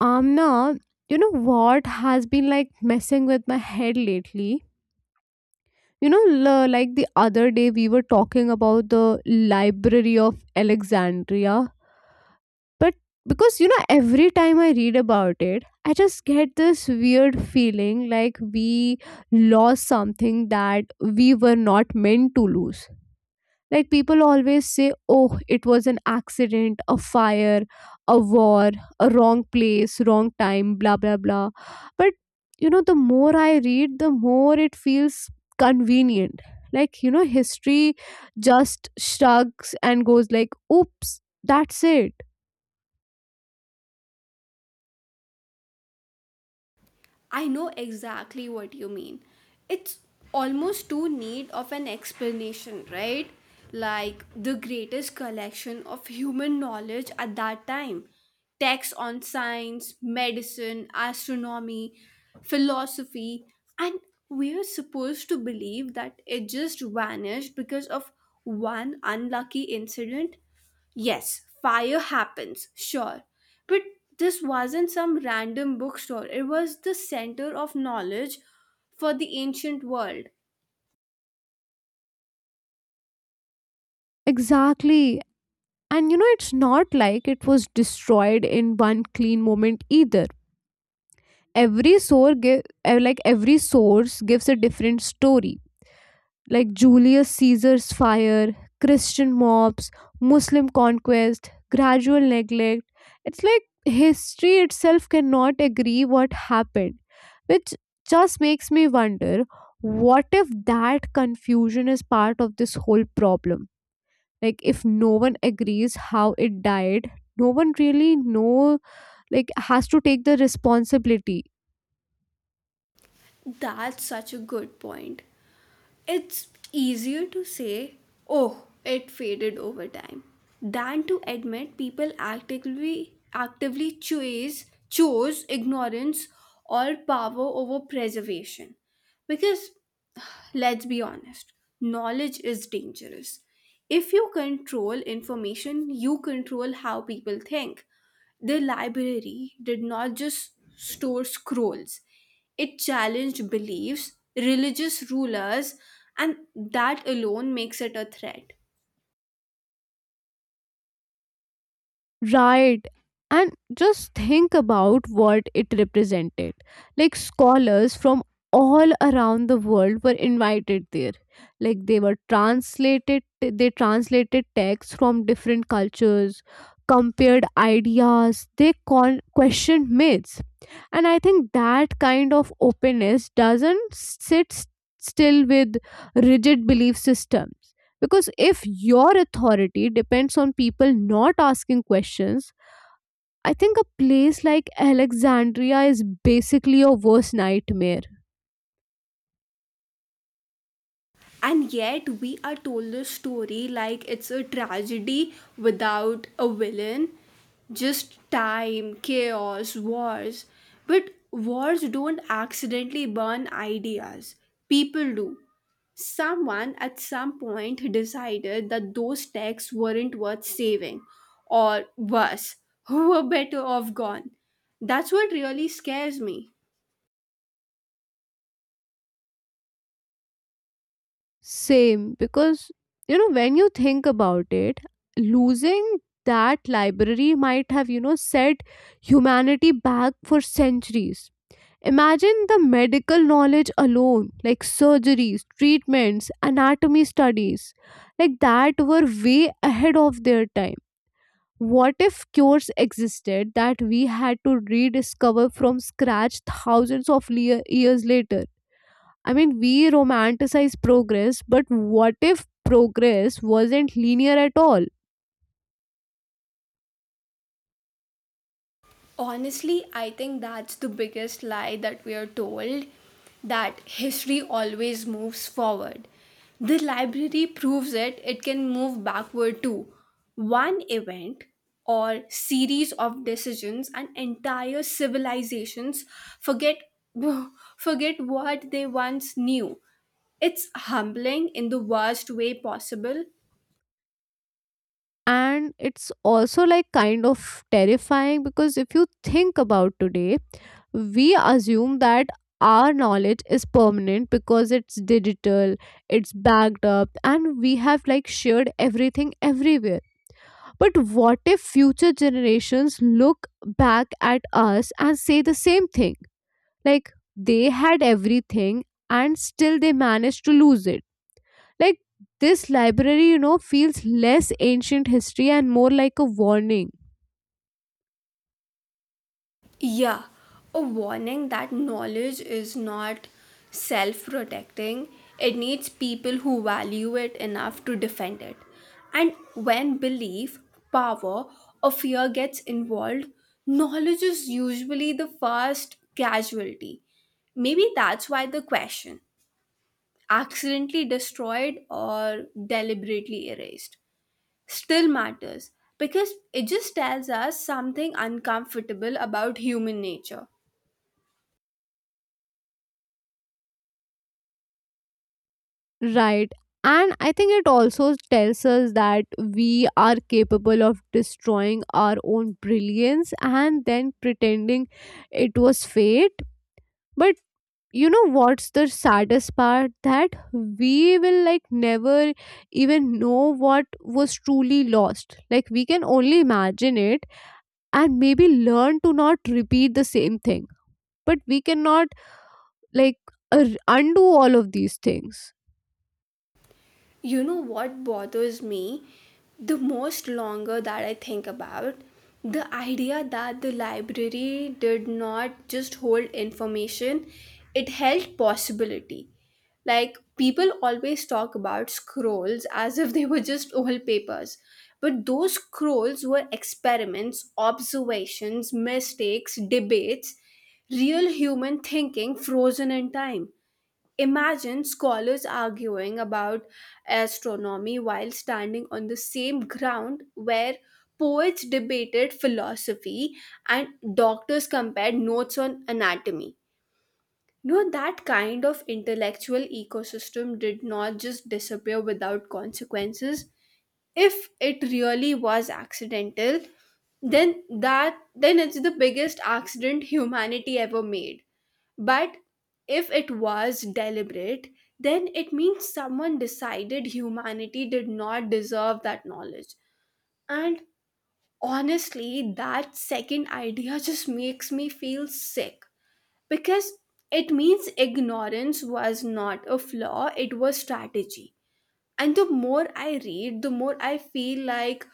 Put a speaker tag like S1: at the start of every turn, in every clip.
S1: Amna, you know what has been like messing with my head lately? Like the other day we were talking about the Library of Alexandria. But because, every time I read about it, I just get this weird feeling like we lost something that we were not meant to lose. Like people always say, oh, it was an accident, a fire, a war, a wrong place, wrong time, blah, blah, blah. But, the more I read, the more it feels convenient. Like, history just shrugs and goes like, oops, that's it.
S2: I know exactly what you mean. It's almost too neat of an explanation, right? Like the greatest collection of human knowledge at that time. Texts on science, medicine, astronomy, philosophy, and we are supposed to believe that it just vanished because of one unlucky incident? Yes, fire happens, sure. But this wasn't some random bookstore, it was the center of knowledge for the ancient world.
S1: Exactly. And, it's not like it was destroyed in one clean moment either. every source give, like every source gives a different story, like Julius Caesar's fire, Christian mobs, Muslim conquest, gradual neglect. It's like history itself cannot agree what happened, which just makes me wonder what if that confusion is part of this whole problem? Like, if no one agrees how it died, no one really know like has to take the responsibility.
S2: That's such a good point. It's easier to say, oh, it faded over time, than to admit people actively chose ignorance or power over preservation. Because let's be honest, knowledge is dangerous. If you control information, you control how people think. The library did not just store scrolls, it challenged beliefs, religious rulers, and that alone makes it a threat.
S1: Right. And just think about what it represented. Like scholars from all around the world were invited there. Like they translated texts from different cultures, compared ideas, they questioned myths. And I think that kind of openness doesn't sit still with rigid belief systems, because if your authority depends on people not asking questions, I think a place like Alexandria is basically your worst nightmare.
S2: And yet, we are told this story like it's a tragedy without a villain. Just time, chaos, wars. But wars don't accidentally burn ideas, people do. Someone at some point decided that those texts weren't worth saving, or worse, who were better off gone. That's what really scares me.
S1: Same, because when you think about it, losing that library might have set humanity back for centuries. Imagine the medical knowledge alone, like surgeries, treatments, anatomy studies, like that were way ahead of their time. What if cures existed that we had to rediscover from scratch thousands of years later? I mean, we romanticize progress, but what if progress wasn't linear at all?
S2: Honestly, I think that's the biggest lie that we are told, that history always moves forward. The library proves it, it can move backward too. One event or series of decisions and entire civilizations forget forget what they once knew. It's humbling in the worst way possible.
S1: And it's also like kind of terrifying, because if you think about today, we assume that our knowledge is permanent because it's digital, it's backed up, and we have like shared everything everywhere. But what if future generations look back at us and say the same thing, like they had everything and still they managed to lose it? Like, this library feels less ancient history and more like a warning.
S2: Yeah, a warning that knowledge is not self protecting. It needs people who value it enough to defend it. And when belief, power, or fear gets involved, knowledge is usually the first casualty. Maybe that's why the question, accidentally destroyed or deliberately erased, still matters, because it just tells us something uncomfortable about human nature.
S1: Right. And I think it also tells us that we are capable of destroying our own brilliance and then pretending it was fate. But you know what's the saddest part? That we will like never even know what was truly lost. Like we can only imagine it and maybe learn to not repeat the same thing. But we cannot like undo all of these things.
S2: You know what bothers me the most longer that I think about? The idea that the library did not just hold information, it held possibility. Like people always talk about scrolls as if they were just old papers. But those scrolls were experiments, observations, mistakes, debates, real human thinking frozen in time. Imagine scholars arguing about astronomy while standing on the same ground where poets debated philosophy and doctors compared notes on anatomy. No, that kind of intellectual ecosystem did not just disappear without consequences. If it really was accidental, then it's the biggest accident humanity ever made. But if it was deliberate, then it means someone decided humanity did not deserve that knowledge. And honestly, that second idea just makes me feel sick, because it means ignorance was not a flaw, it was strategy. And the more I read, the more I feel like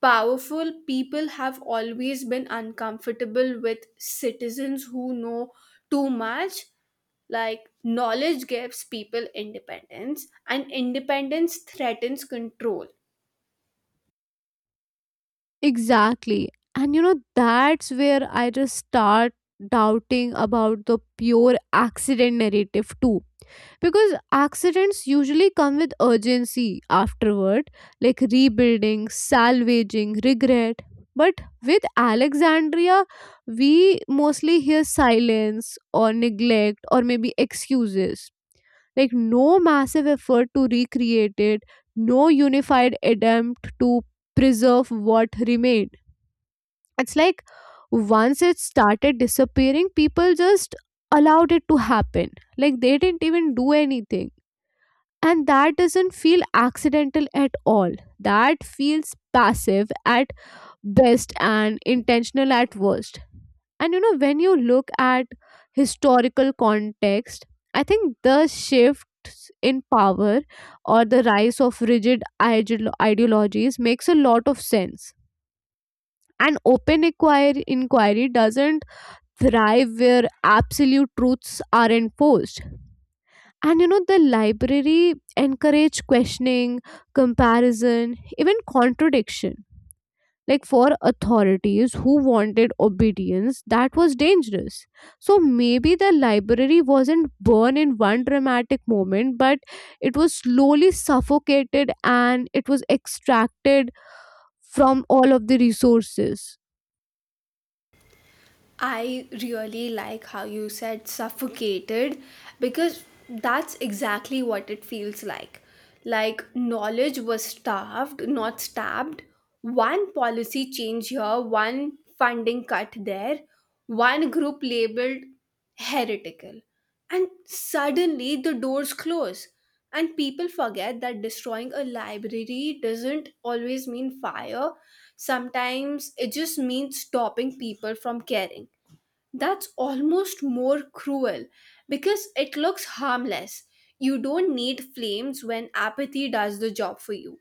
S2: powerful people have always been uncomfortable with citizens who know too much. Like, knowledge gives people independence, and independence threatens control.
S1: Exactly. And that's where I just start doubting about the pure accident narrative too. Because accidents usually come with urgency afterward, like rebuilding, salvaging, regret. But with Alexandria, we mostly hear silence or neglect or maybe excuses. Like, no massive effort to recreate it, no unified attempt to preserve what remained. It's like once it started disappearing, people just allowed it to happen. Like they didn't even do anything, and that doesn't feel accidental at all. That feels passive at best and intentional at worst. And when you look at historical context, I think the shifts in power or the rise of rigid ideologies makes a lot of sense. And open inquiry doesn't thrive where absolute truths are enforced. And the library encourage questioning, comparison, even contradiction. Like for authorities who wanted obedience, that was dangerous. So maybe the library wasn't born in one dramatic moment, but it was slowly suffocated and it was extracted from all of the resources.
S2: I really like how you said suffocated, because that's exactly what it feels like. Like knowledge was starved, not stabbed. One policy change here, one funding cut there, one group labeled heretical. And suddenly the doors close. And people forget that destroying a library doesn't always mean fire. Sometimes it just means stopping people from caring. That's almost more cruel because it looks harmless. You don't need flames when apathy does the job for you.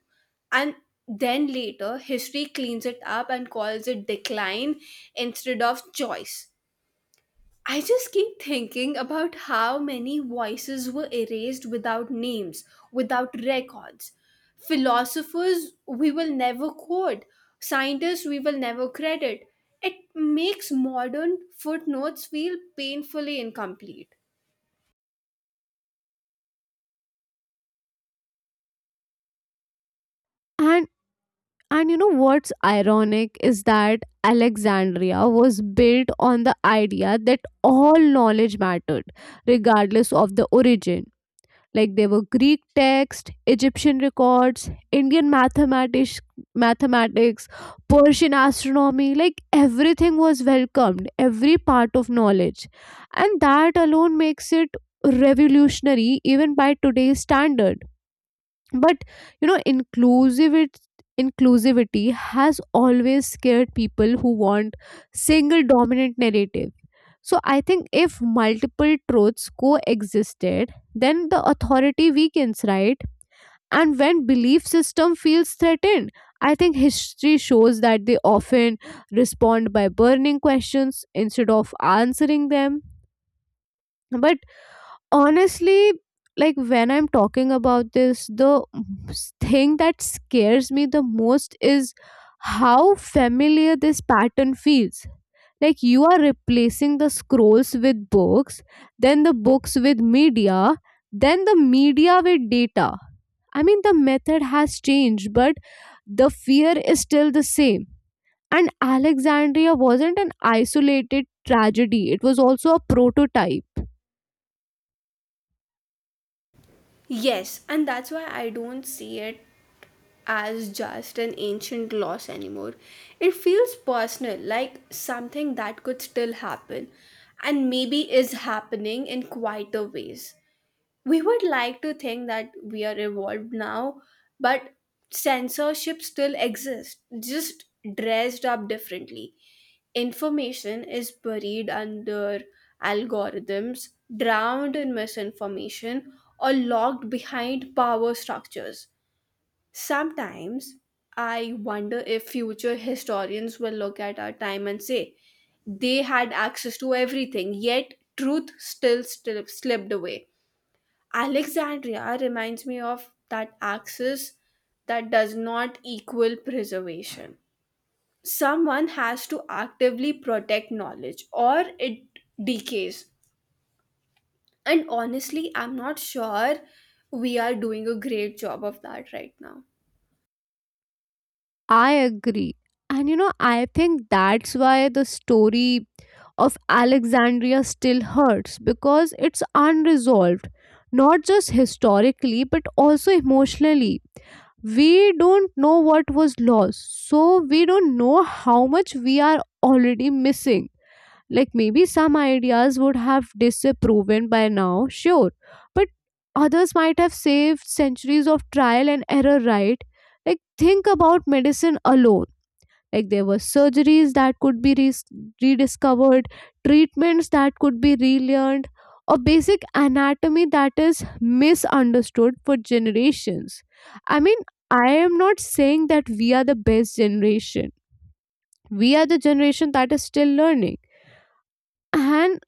S2: And then later, history cleans it up and calls it decline instead of choice. I just keep thinking about how many voices were erased without names, without records. Philosophers we will never quote, scientists we will never credit. It makes modern footnotes feel painfully incomplete.
S1: And And you know what's ironic is that Alexandria was built on the idea that all knowledge mattered, regardless of the origin. Like there were Greek texts, Egyptian records, Indian mathematics, Persian astronomy. Like everything was welcomed, every part of knowledge, and that alone makes it revolutionary even by today's standards. But you know inclusivity inclusivity has always scared people who want single dominant narrative. So I think if multiple truths coexisted, then the authority weakens, right? And when belief system feels threatened, I think history shows that they often respond by burning questions instead of answering them. But honestly, like when I'm talking about this, the thing that scares me the most is how familiar this pattern feels. Like, you are replacing the scrolls with books, then the books with media, then the media with data. I mean, the method has changed, but the fear is still the same. And Alexandria wasn't an isolated tragedy, it was also a prototype.
S2: Yes, and that's why I don't see it as just an ancient loss anymore. It feels personal, like something that could still happen and maybe is happening in quieter ways. We would like to think that we are evolved now, but censorship still exists, just dressed up differently. Information is buried under algorithms, drowned in misinformation, or locked behind power structures. Sometimes I wonder if future historians will look at our time and say, they had access to everything, yet truth still, slipped away. Alexandria reminds me of that access that does not equal preservation. Someone has to actively protect knowledge or it decays. And honestly, I'm not sure we are doing a great job of that right now.
S1: I agree. And I think that's why the story of Alexandria still hurts because it's unresolved, not just historically, but also emotionally. We don't know what was lost, so we don't know how much we are already missing. Like, maybe some ideas would have disproven by now, sure, but others might have saved centuries of trial and error, right? Like, think about medicine alone, like there were surgeries that could be rediscovered, treatments that could be relearned, or basic anatomy that is misunderstood for generations. I mean, I am not saying that we are the best generation. We are the generation that is still learning. And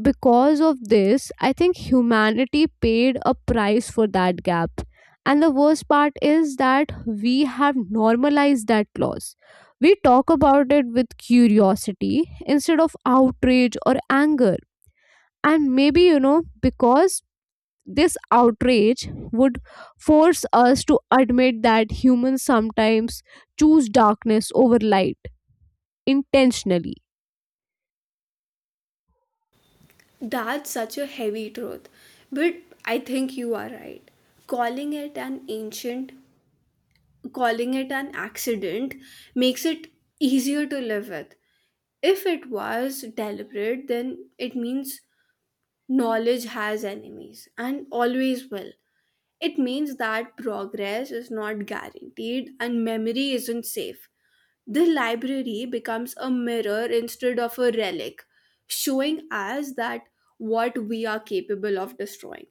S1: because of this, I think humanity paid a price for that gap. And the worst part is that we have normalized that loss. We talk about it with curiosity instead of outrage or anger. And maybe, because this outrage would force us to admit that humans sometimes choose darkness over light intentionally.
S2: That's such a heavy truth. But I think you are right. Calling it an ancient, Calling it an accident makes it easier to live with. If it was deliberate, then it means knowledge has enemies and always will. It means that progress is not guaranteed and memory isn't safe. The library becomes a mirror instead of a relic, showing us that what we are capable of destroying.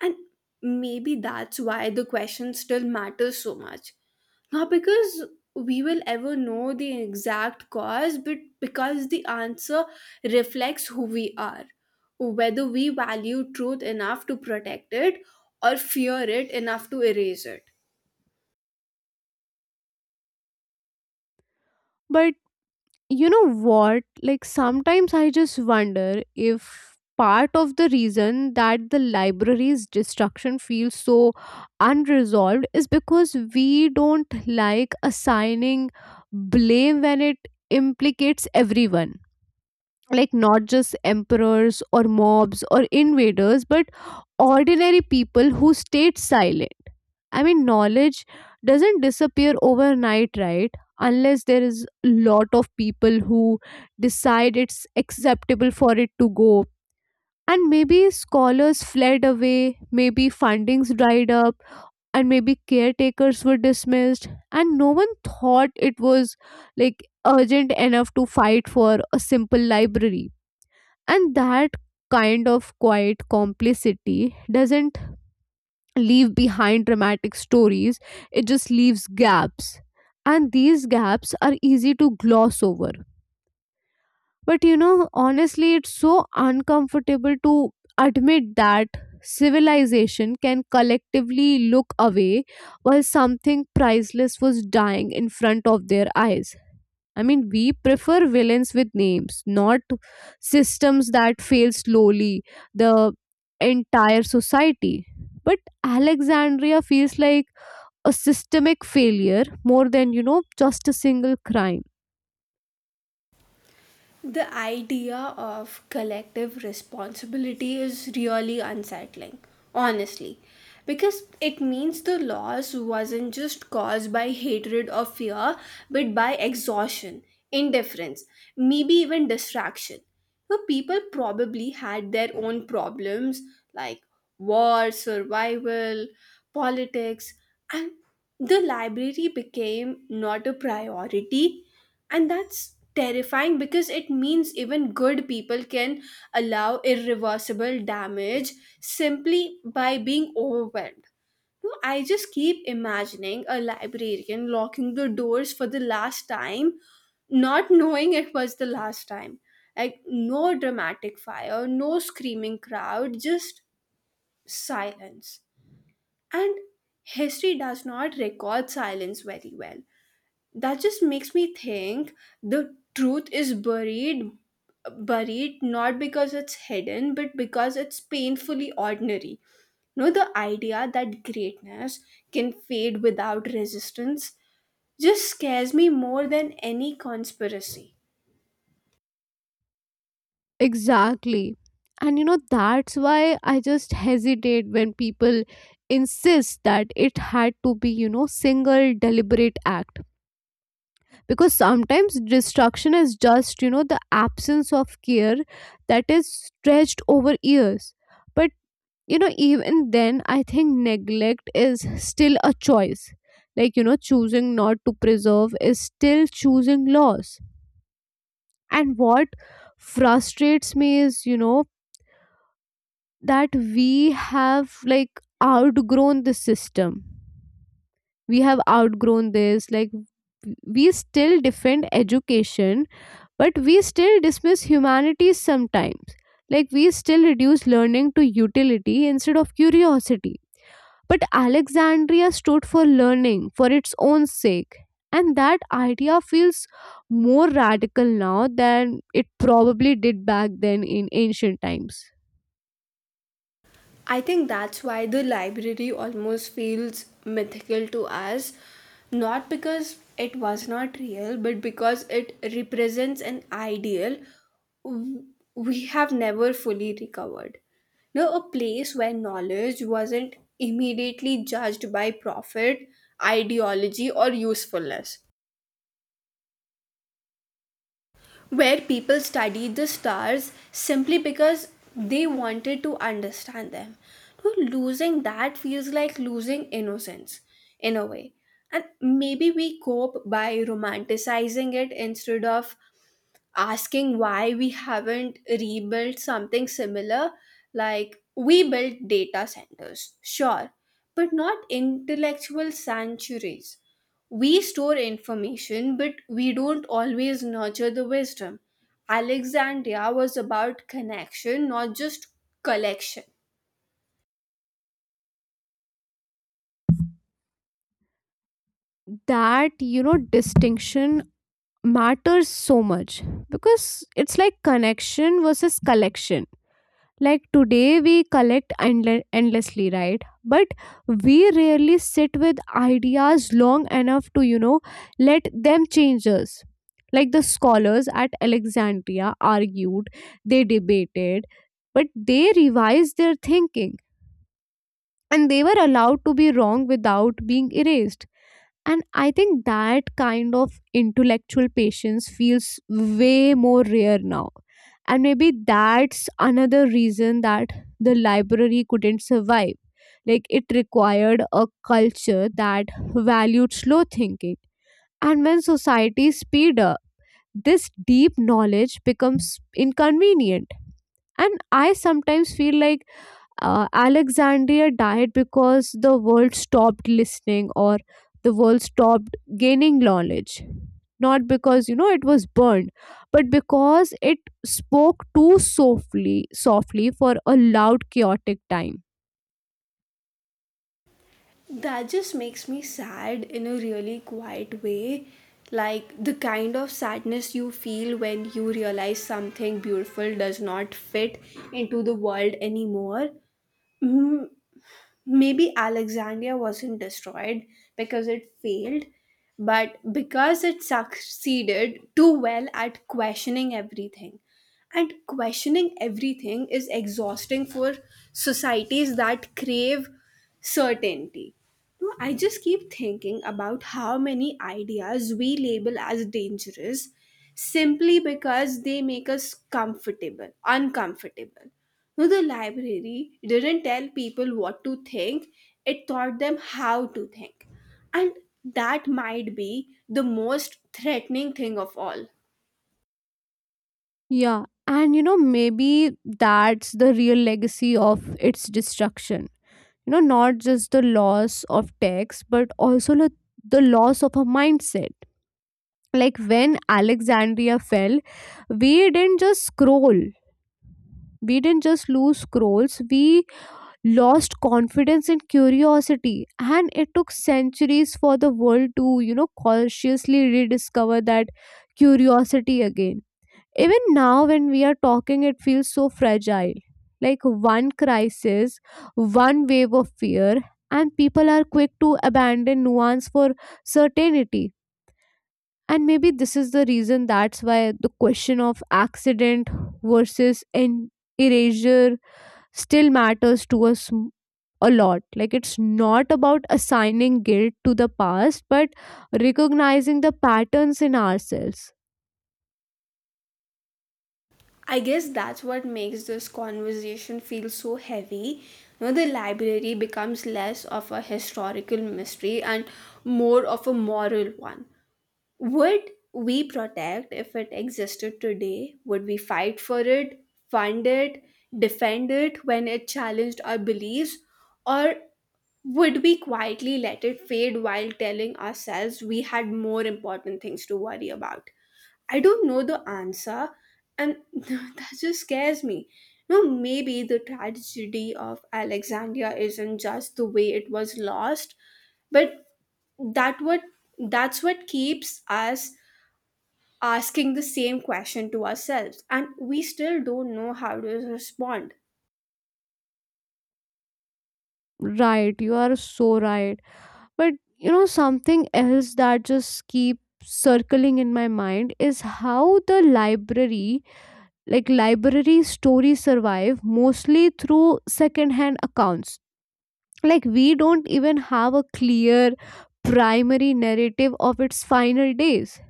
S2: And maybe that's why the question still matters so much, not because we will ever know the exact cause, but because the answer reflects who we are, whether we value truth enough to protect it or fear it enough to erase it.
S1: But you know what, like sometimes I just wonder if part of the reason that the library's destruction feels so unresolved is because we don't like assigning blame when it implicates everyone, like not just emperors or mobs or invaders but ordinary people who stayed silent. I mean, knowledge doesn't disappear overnight, right? Unless there is a lot of people who decide it's acceptable for it to go. And maybe scholars fled away, maybe fundings dried up, and maybe caretakers were dismissed, and no one thought it was like urgent enough to fight for a simple library. And that kind of quiet complicity doesn't leave behind dramatic stories, it just leaves gaps. And these gaps are easy to gloss over. But honestly, it's so uncomfortable to admit that civilization can collectively look away while something priceless was dying in front of their eyes. I mean, we prefer villains with names, not systems that fail slowly, the entire society. But Alexandria feels like a systemic failure more than, just a single crime.
S2: The idea of collective responsibility is really unsettling, honestly, because it means the loss wasn't just caused by hatred or fear, but by exhaustion, indifference, maybe even distraction. So people probably had their own problems, like war, survival, politics, and the library became not a priority. And that's terrifying because it means even good people can allow irreversible damage simply by being overwhelmed. No, I just keep imagining a librarian locking the doors for the last time, not knowing it was the last time. Like, no dramatic fire, no screaming crowd, just silence. And history does not record silence very well. That just makes me think the truth is buried not because it's hidden but because it's painfully ordinary. You know, the idea that greatness can fade without resistance just scares me more than any conspiracy.
S1: Exactly. And that's why I just hesitate when people insist that it had to be, single deliberate act, because sometimes destruction is just the absence of care that is stretched over years. But even then, I think neglect is still a choice. Like choosing not to preserve is still choosing loss. And what frustrates me is that we have like outgrown the system. We have outgrown this, like we still defend education. But we still dismiss humanities sometimes. Like we still reduce learning to utility instead of curiosity. But Alexandria stood for learning for its own sake. And that idea feels more radical now than it probably did back then in ancient times.
S2: I think that's why the library almost feels mythical to us, not because it was not real, but because it represents an ideal w- we have never fully recovered. No, a place where knowledge wasn't immediately judged by profit, ideology, or usefulness. Where people studied the stars simply because they wanted to understand them. So losing that feels like losing innocence in a way. And maybe we cope by romanticizing it instead of asking why we haven't rebuilt something similar. Like, we built data centers, sure, but not intellectual sanctuaries. We store information but we don't always nurture the wisdom. Alexandria was about connection, not just collection.
S1: That, distinction matters so much because it's like connection versus collection. Like today, we collect endlessly, right? But we rarely sit with ideas long enough to, let them change us. Like the scholars at Alexandria argued, they debated, but they revised their thinking and they were allowed to be wrong without being erased. And I think that kind of intellectual patience feels way more rare now. And maybe that's another reason that the library couldn't survive. Like it required a culture that valued slow thinking. And when society speed up, this deep knowledge becomes inconvenient. And I sometimes feel like Alexandria died because the world stopped listening or the world stopped gaining knowledge. Not because it was burned, but because it spoke too softly for a loud, chaotic time.
S2: That just makes me sad in a really quiet way. Like the kind of sadness you feel when you realize something beautiful does not fit into the world anymore. Mm, maybe Alexandria wasn't destroyed because it failed, but because it succeeded too well at questioning everything. And questioning everything is exhausting for societies that crave certainty. No, I just keep thinking about how many ideas we label as dangerous simply because they make us uncomfortable. No, the library didn't tell people what to think, it taught them how to think. And that might be the most threatening thing of all.
S1: Yeah, and maybe that's the real legacy of its destruction. Not just the loss of text, but also the loss of a mindset. Like when Alexandria fell, we didn't just scroll. We didn't just lose scrolls. We lost confidence and curiosity. And it took centuries for the world to, consciously rediscover that curiosity again. Even now, when we are talking, it feels so fragile. Like one crisis, one wave of fear, and people are quick to abandon nuance for certainty. And maybe this is the reason that's why the question of accident versus erasure still matters to us a lot. Like it's not about assigning guilt to the past, but recognizing the patterns in ourselves.
S2: I guess that's what makes this conversation feel so heavy. You know, the library becomes less of a historical mystery and more of a moral one. Would we protect if it existed today? Would we fight for it, fund it, defend it when it challenged our beliefs? Or would we quietly let it fade while telling ourselves we had more important things to worry about? I don't know the answer, and that just scares me. No, maybe the tragedy of Alexandria isn't just the way it was lost, but that what that's what keeps us asking the same question to ourselves and we still don't know how to respond.
S1: Right, you are so right. But something else that just keeps circling in my mind is how like library stories survive mostly through secondhand accounts. Like we don't even have a clear primary narrative of its final days.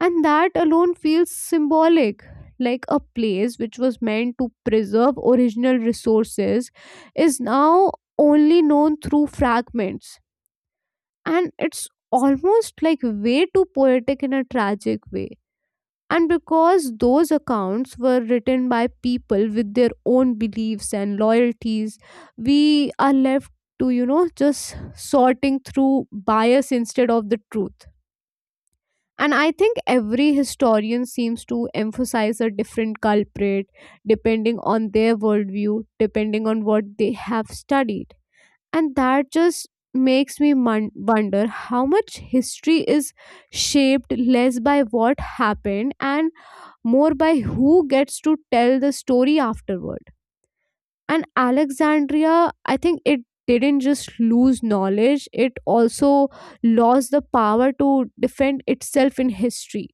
S1: And that alone feels symbolic. Like a place which was meant to preserve original resources is now only known through fragments, and it's almost like way too poetic in a tragic way. And because those accounts were written by people with their own beliefs and loyalties, we are left to just sorting through bias instead of the truth. And I think every historian seems to emphasize a different culprit depending on their worldview, depending on what they have studied. And that just makes me wonder how much history is shaped less by what happened and more by who gets to tell the story afterward. And Alexandria, I think it didn't just lose knowledge, it also lost the power to defend itself in history.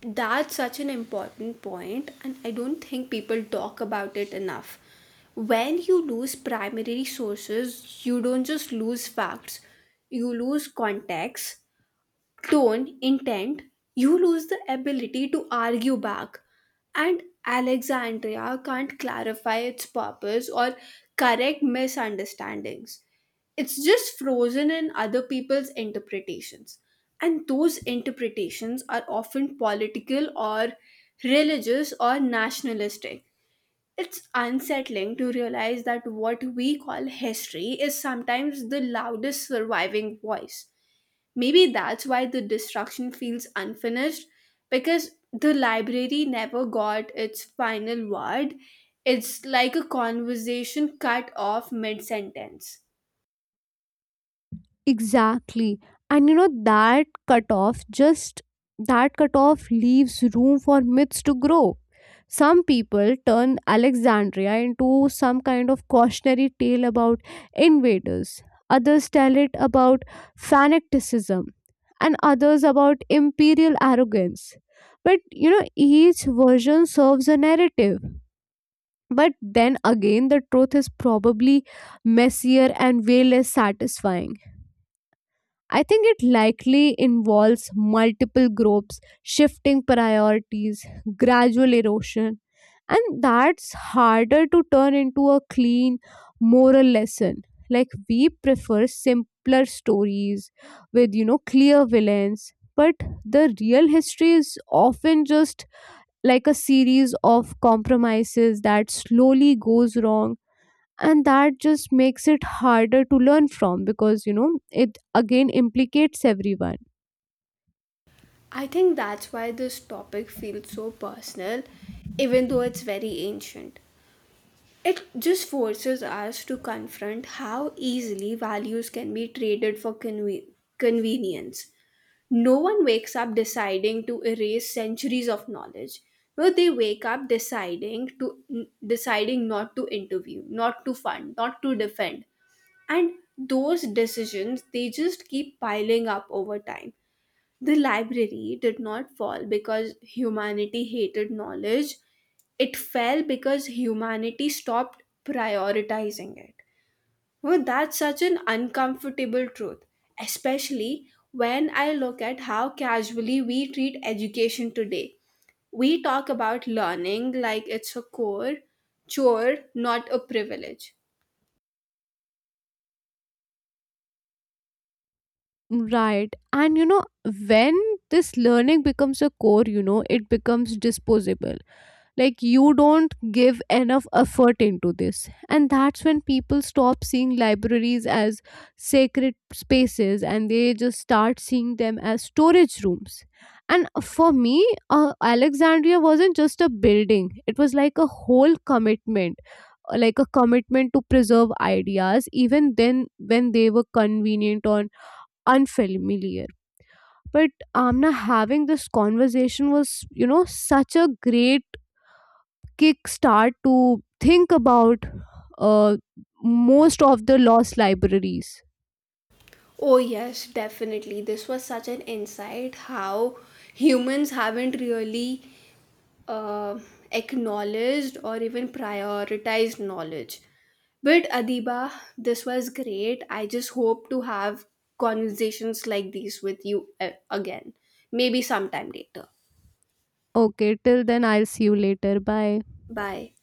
S2: That's such an important point, and I don't think people talk about it enough. When you lose primary sources, you don't just lose facts, you lose context, tone, intent, you lose the ability to argue back. And Alexandria can't clarify its purpose or correct misunderstandings. It's just frozen in other people's interpretations. And those interpretations are often political or religious or nationalistic. It's unsettling to realize that what we call history is sometimes the loudest surviving voice. Maybe that's why the destruction feels unfinished, because the library never got its final word. It's like a conversation cut off mid sentence.
S1: Exactly. And that cutoff leaves room for myths to grow. Some people turn Alexandria into some kind of cautionary tale about invaders, others tell it about fanaticism, and others about imperial arrogance. But each version serves a narrative. But then again, the truth is probably messier and way less satisfying. I think it likely involves multiple groups, shifting priorities, gradual erosion, and that's harder to turn into a clean moral lesson. Like we prefer simpler stories with, clear villains, but the real history is often just like a series of compromises that slowly goes wrong. And that just makes it harder to learn from, because it again implicates everyone.
S2: I think that's why this topic feels so personal, even though it's very ancient. It just forces us to confront how easily values can be traded for convenience. No one wakes up deciding to erase centuries of knowledge. No, they wake up deciding not to interview, not to fund, not to defend, and those decisions, they just keep piling up over time. The library did not fall because humanity hated knowledge, it fell because humanity stopped prioritizing it. Well, that's such an uncomfortable truth, especially when I look at how casually we treat education today. We talk about learning like it's a chore, not a privilege.
S1: Right. And when this learning becomes a core, it becomes disposable. Like you don't give enough effort into this, and that's when people stop seeing libraries as sacred spaces and they just start seeing them as storage rooms. And for me, Alexandria wasn't just a building, it was like a whole commitment, like a commitment to preserve ideas even then when they were convenient or unfamiliar. But Amna, having this conversation was such a great kickstart to think about uh, most of the lost libraries.
S2: Oh, yes, definitely. This was such an insight how humans haven't really uh, acknowledged or even prioritized knowledge. But Adiba, this was great. I just hope to have conversations like these with you again, maybe sometime later.
S1: Okay, till then, I'll see you later. Bye.
S2: Bye.